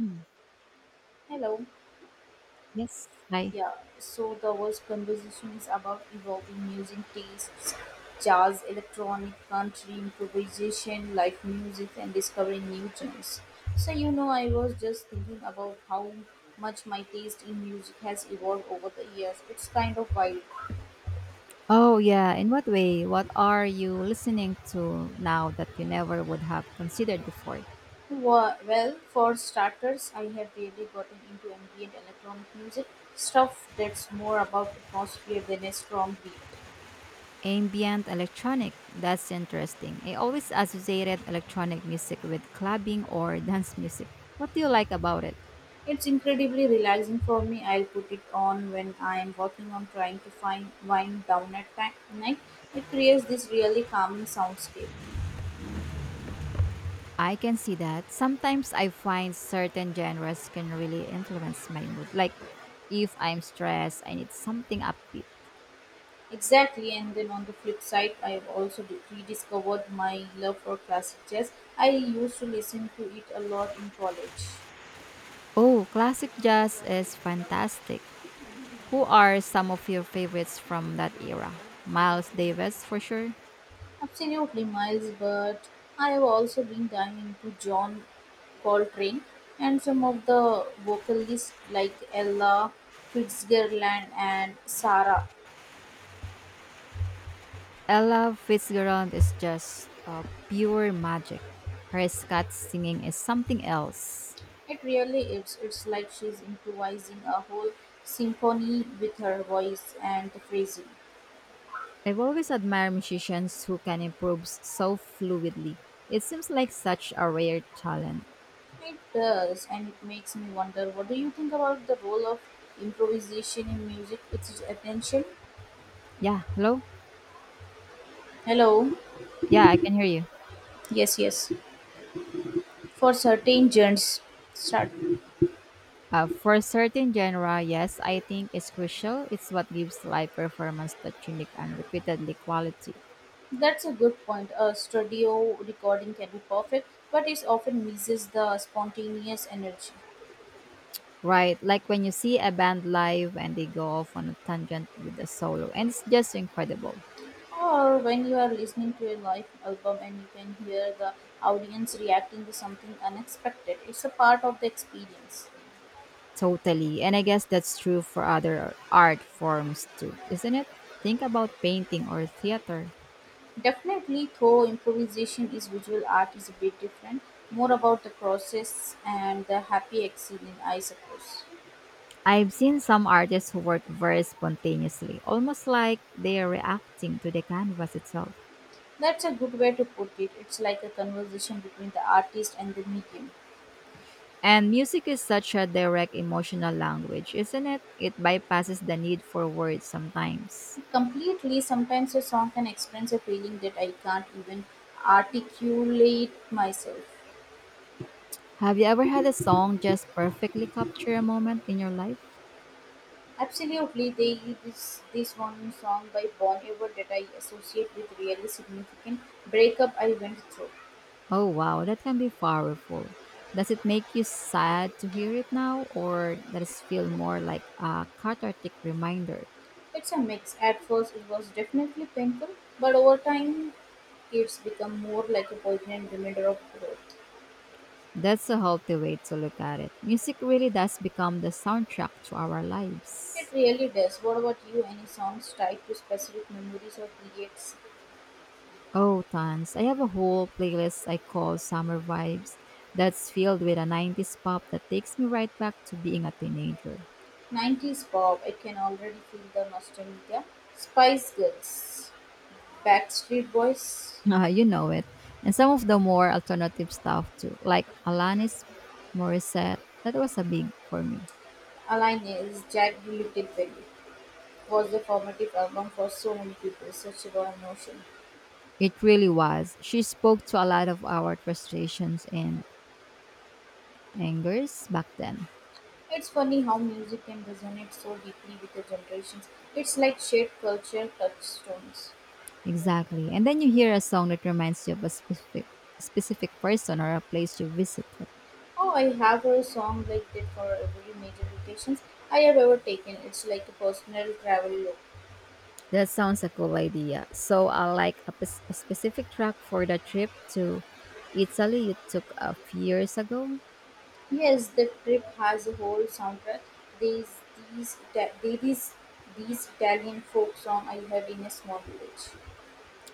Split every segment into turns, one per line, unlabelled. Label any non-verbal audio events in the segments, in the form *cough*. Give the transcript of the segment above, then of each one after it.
Mm,
Hello.
yes, hi.
Yeah, so the was conversation is about evolving music tastes, jazz, electronic, country, improvisation, live music, and discovering new genres. I was just thinking about how much my taste in music has evolved over the years. It's kind of wild.
Oh, yeah. In what way? What are you listening to now that you never would have considered before?
Well, for starters, I have really gotten into ambient electronic music, stuff that's more about atmosphere than a strong beat.
Ambient electronic. That's interesting. I always associated electronic music with clubbing or dance music. What do you like about it?
It's incredibly relaxing for me. I'll put it on when I'm working on trying to find wind down at night. It creates this really calming soundscape.
I can see that. Sometimes I find certain genres can really influence my mood. Like if I'm stressed, I need something upbeat.
Exactly, and then on the flip side, I've also rediscovered my love for classic jazz. I used to listen to it a lot in college.
Oh, classic jazz is fantastic. Who are some of your favorites from that era? Miles Davis, for sure.
Absolutely, Miles, but I have also been diving into John Coltrane and some of the vocalists like Ella Fitzgerald and Sarah.
Ella Fitzgerald is just pure magic. Her scat singing is something else.
It really is. It's like she's improvising a whole symphony with her voice and phrasing.
I've always admired musicians who can improve so fluidly. It seems like such a rare talent.
It does, and it makes me wonder, what do you think about the role of improvisation in music? It's attention.
Yeah, hello?
Hello.
Yeah, I can hear you.
Yes, yes. For certain genres. Start.
For a certain genre, yes, I think it's crucial. It's what gives live performance that unique and repeatedly quality.
That's a good point. A studio recording can be perfect, but it often misses the spontaneous energy.
Right, like when you see a band live and they go off on a tangent with a solo, and it's just incredible.
Or when you are listening to a live album and you can hear the audience reacting to something unexpected, it's a part of the experience.
Totally. And I guess that's true for other art forms too, isn't it? Think about painting or theater.
Definitely, though improvisation is visual art is a bit different, more about the process and the happy accident, I suppose.
I've seen some artists who work very spontaneously, almost like they are reacting to the canvas itself.
That's a good way to put it. It's like a conversation between the artist and the medium.
And music is such a direct emotional language, isn't it? It bypasses the need for words sometimes.
Completely. Sometimes a song can express a feeling that I can't even articulate myself.
Have you ever had a song just perfectly capture a moment in your life?
Absolutely, they this one song by Bon Iver that I associate with really significant breakup I went through.
Oh wow, that can be powerful. Does it make you sad to hear it now, or does it feel more like a cathartic reminder?
It's a mix. At first, it was definitely painful, but over time, it's become more like a poignant reminder of growth.
That's a healthy way to look at it. Music really does become the soundtrack to our
It
lives.
really does. What about you? Any songs tied to specific memories or periods?
Oh, tons. I have a whole playlist I call Summer Vibes that's filled with a 90s pop that takes me right back to being a teenager. *laughs*
90s pop. I can already feel the nostalgia. Spice Girls, Backstreet Boys,
Ah, you know it. And some of the more alternative stuff too, like Alanis Morissette. That was a big for me.
Alanis, Jack Little Baby. Was the formative album for so many people, such raw emotion.
It really was. She spoke to a lot of our frustrations and angers back then.
It's funny how music can resonate so deeply with the generations. It's like shared culture touchstones.
Exactly. And then you hear a song that reminds you of a specific person or a place you visited.
Oh, I have a song like that for every major vacations I have ever taken. It's like a personal travel look.
That sounds like a cool idea. So I like a, a specific track for the trip to Italy you took a few years ago.
Yes, the trip has a whole soundtrack. There's there is these Italian folk song I heard in a small village.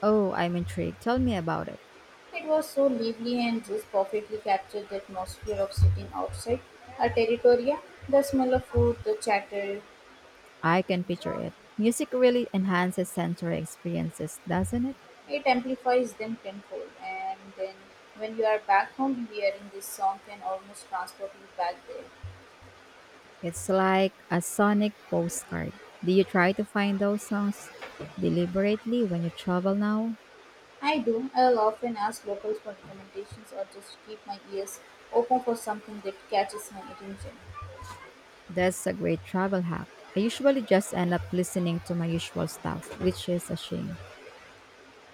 Oh, I'm intrigued. Tell me about it.
It was so lively and just perfectly captured the atmosphere of sitting outside a territoria. The smell of food, the chatter,
I can picture it. Music really enhances sensory experiences, doesn't it?
it amplifies them tenfold. And then when you are back home, hearing this song can almost transport you back there.
It's like a sonic postcard. Do you try to find those songs deliberately when you travel now?
I do. I'll often ask locals for recommendations or just keep my ears open for something that catches my attention.
That's a great travel hack. I usually just end up listening to my usual stuff, which is a shame.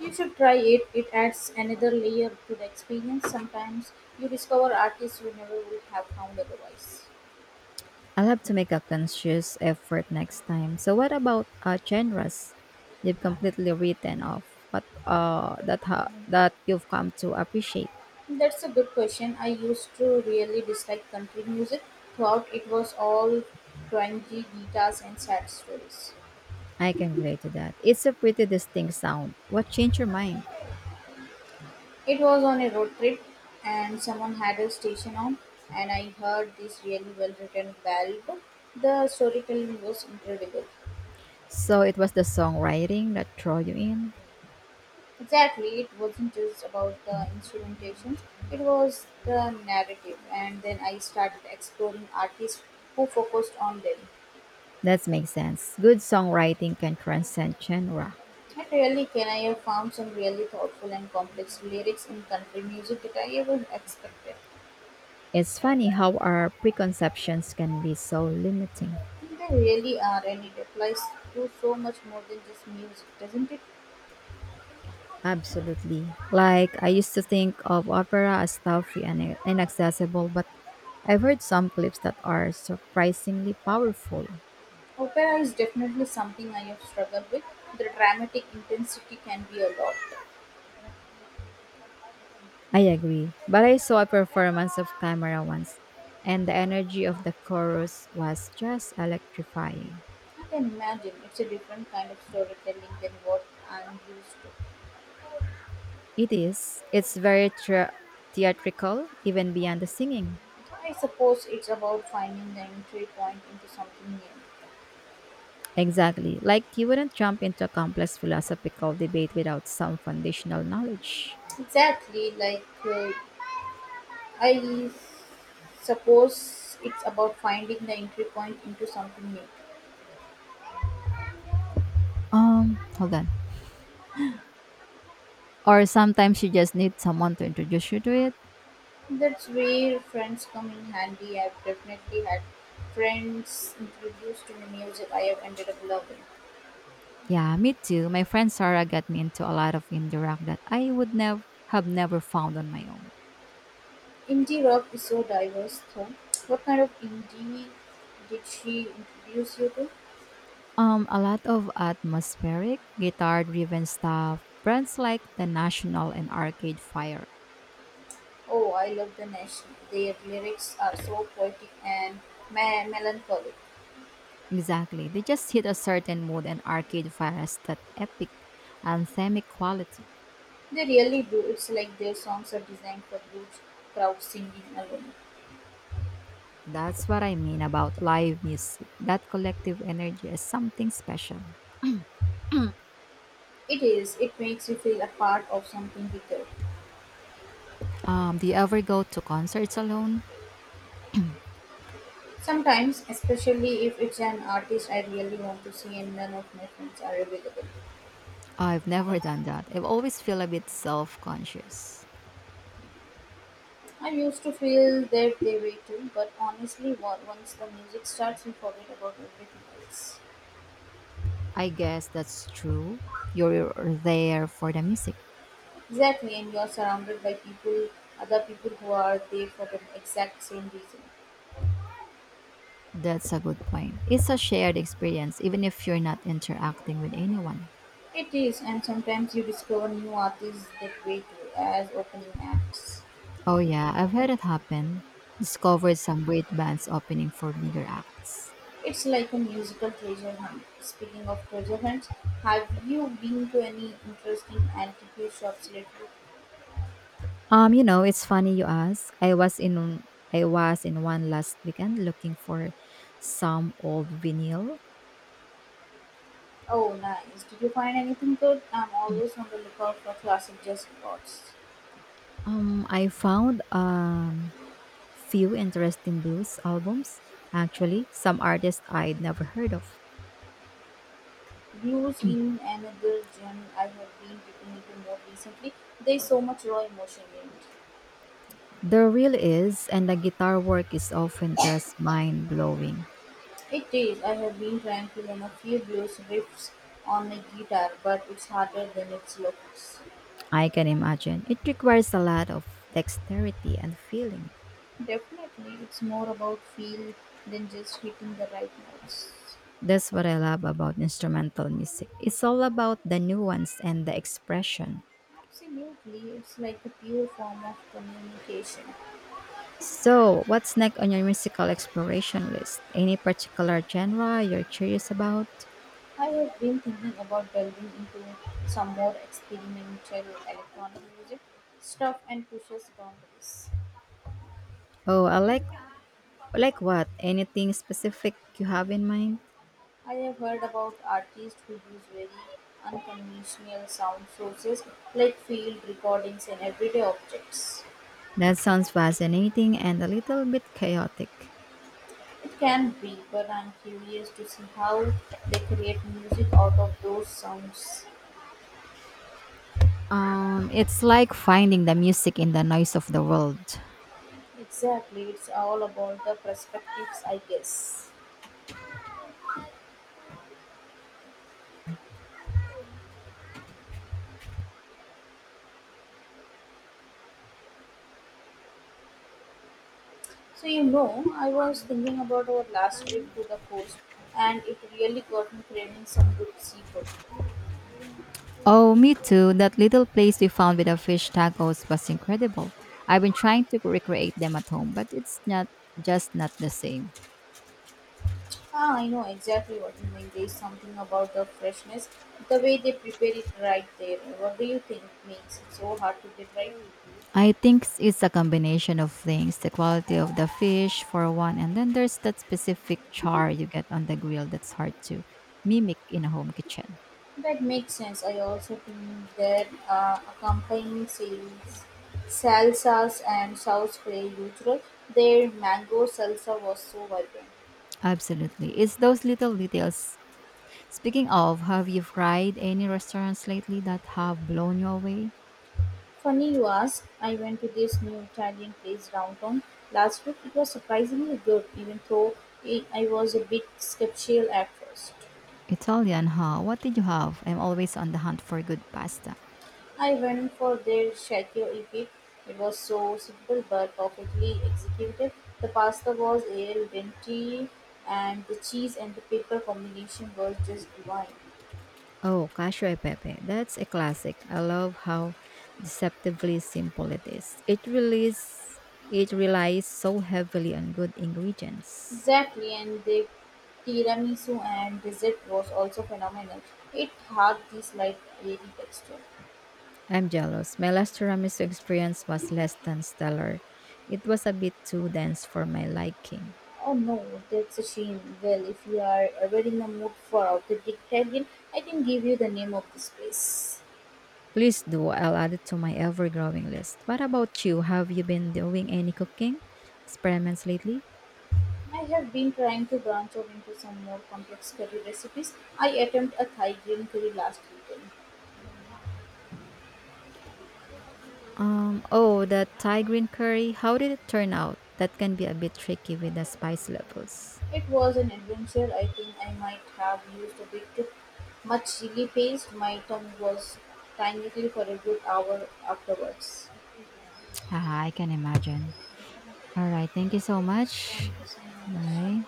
You should try it. It adds another layer to the experience. Sometimes you discover artists you never would have found otherwise.
I'll have to make a conscious effort next time. So, what about genres you've completely written off, but that you've come to appreciate?
That's a good question. I used to really dislike country music. Thought it was all twangy guitars and sad stories.
I can relate to that. It's a pretty distinct sound. What changed your mind?
It was on a road trip, and someone had a station on, and I heard this really well written ballad. The storytelling was incredible.
So it was the songwriting that drew you in?
Exactly, it wasn't just about the instrumentations, it was the narrative, and then I started exploring artists who focused on them.
That makes sense. Good songwriting can transcend genre.
It really can. I have found some really thoughtful and complex lyrics in country music that I ever expected.
It's funny how our preconceptions can be so limiting.
And they really are, and it applies to so much more than just music, doesn't it?
Absolutely. Like, I used to think of opera as stuffy and inaccessible, but I've heard some clips that are surprisingly powerful.
Opera is definitely something I have struggled with. The dramatic intensity can be a lot.
I agree. But I saw a performance of Camera once, and the energy of the chorus was just electrifying.
I can imagine it's a different kind of storytelling than what I'm used to.
It is. It's very theatrical, even beyond the singing.
I suppose it's about finding the entry point into something new.
Exactly. Like you wouldn't jump into a complex philosophical debate without some foundational knowledge.
Exactly, like I suppose it's about finding the entry point into something new.
Hold on. Or sometimes you just need someone to introduce you to it.
That's where friends come in handy. I've definitely had friends introduced to the music I have ended up loving.
Yeah, me too. My friend Sarah got me into a lot of indie rock that I would never have never found on my own.
Indie rock is so diverse, though. What kind of indie did she introduce you to?
A lot of atmospheric, guitar-driven stuff, brands like The National and Arcade Fire.
Oh, I love the National. Their lyrics are so poetic and melancholic.
Exactly. They just hit a certain mood and Arcade Fire has that epic anthemic quality.
They really do. It's like their songs are designed for huge crowd singing alone.
That's what I mean about live music. That collective energy is something special.
It is, it makes you feel a part of something bigger.
Do you ever go to concerts alone?
Sometimes, especially if it's an artist I really want to see and none of my friends are available.
I've never done that. I've always feel a bit self-conscious.
I used to feel that they way too, but honestly, once the music starts, you forget about everything else.
I guess that's true. You're there for the music.
Exactly, and you're surrounded by people, other people who are there for the exact same reason.
That's a good point. It's a shared experience even if you're not interacting with anyone.
It is, and sometimes you discover new artists that way too, as opening acts.
Oh yeah, I've heard it happen. Discovered some great bands opening for bigger acts.
It's like a musical treasure hunt. Speaking of treasure hunts, have you been to any interesting antique shops lately?
You know, it's funny you ask. I was in one last weekend looking for some old vinyl.
Oh, nice. Did you find anything good? I'm always on the lookout for classic jazz records.
I found few interesting blues albums. Actually, some artists I'd never heard of.
Blues in another genre I have been dipping into more recently. There's so much raw emotion in it.
There really is, and the guitar work is often just mind blowing.
It is. I have been trying to learn a few blues riffs on my guitar, but it's harder than it looks.
I can imagine. It requires a lot of dexterity and feeling.
Definitely, it's more about feel than just hitting the right notes.
That's what I love about instrumental music. It's all about the nuance and the expression.
Absolutely, it's like a pure form of communication.
So, what's next on your musical exploration list? Any particular genre you're curious about?
I have been thinking about delving into some more experimental electronic music stuff and pushes boundaries.
Oh, I like what? Anything specific you have in mind?
I have heard about artists who use very unconventional sound sources like field recordings and everyday objects.
That sounds fascinating and a little bit chaotic.
It can be, but I'm curious to see how they create music out of those sounds.
It's like finding the music in the noise of the world.
Exactly, it's all about the perspectives, I guess. I was thinking about our last trip to the coast, and it really got me craving some good seafood.
Oh, me too. That little place we found with the fish tacos was incredible. I've been trying to recreate them at home, but it's not just not the same.
Ah, I know exactly what you mean. There's something about the freshness, the way they prepare it right there. What do you think makes it so hard to get right?
I think it's a combination of things. The quality of the fish, for one, and then there's that specific char you get on the grill that's hard to mimic in a home kitchen.
That makes sense. I also think their accompanying sales, salsas and sauce play huge role. Their mango salsa was so vibrant.
Absolutely. It's those little details. Speaking of, have you fried any restaurants lately that have blown you away?
Funny you ask, I went to this new Italian place downtown last week. It was surprisingly good, even though it, I was a bit skeptical at first.
Italian, huh? What did you have? I'm always on the hunt for good pasta.
I went for their Shakyo EP. It was so simple but perfectly executed. The pasta was al dente, and the cheese and the pepper combination was just divine.
Oh, cashew e Pepe. That's a classic. I love how deceptively simple it is. It relies so heavily on good ingredients.
Exactly, and the tiramisu and dessert was also phenomenal. It had this light airy texture.
I'm jealous. My last tiramisu experience was less than stellar. It was a bit too dense for my liking.
Oh no, that's a shame. Well, if you are ever in the mood for authentic Italian, I can give you the name of this place.
Please do. I'll add it to my ever-growing list. What about you? Have you been doing any cooking experiments lately?
I have been trying to branch out into some more complex curry recipes. I attempted a Thai green curry last weekend.
Oh, the Thai green curry. How did it turn out? That can be a bit tricky with the spice levels.
It was an adventure. I think I might have used a bit too much chili paste. My tongue was tangly for a good hour afterwards.
Ah, I can imagine. All right. Thank you so
Thank
much.
you so much.
Bye.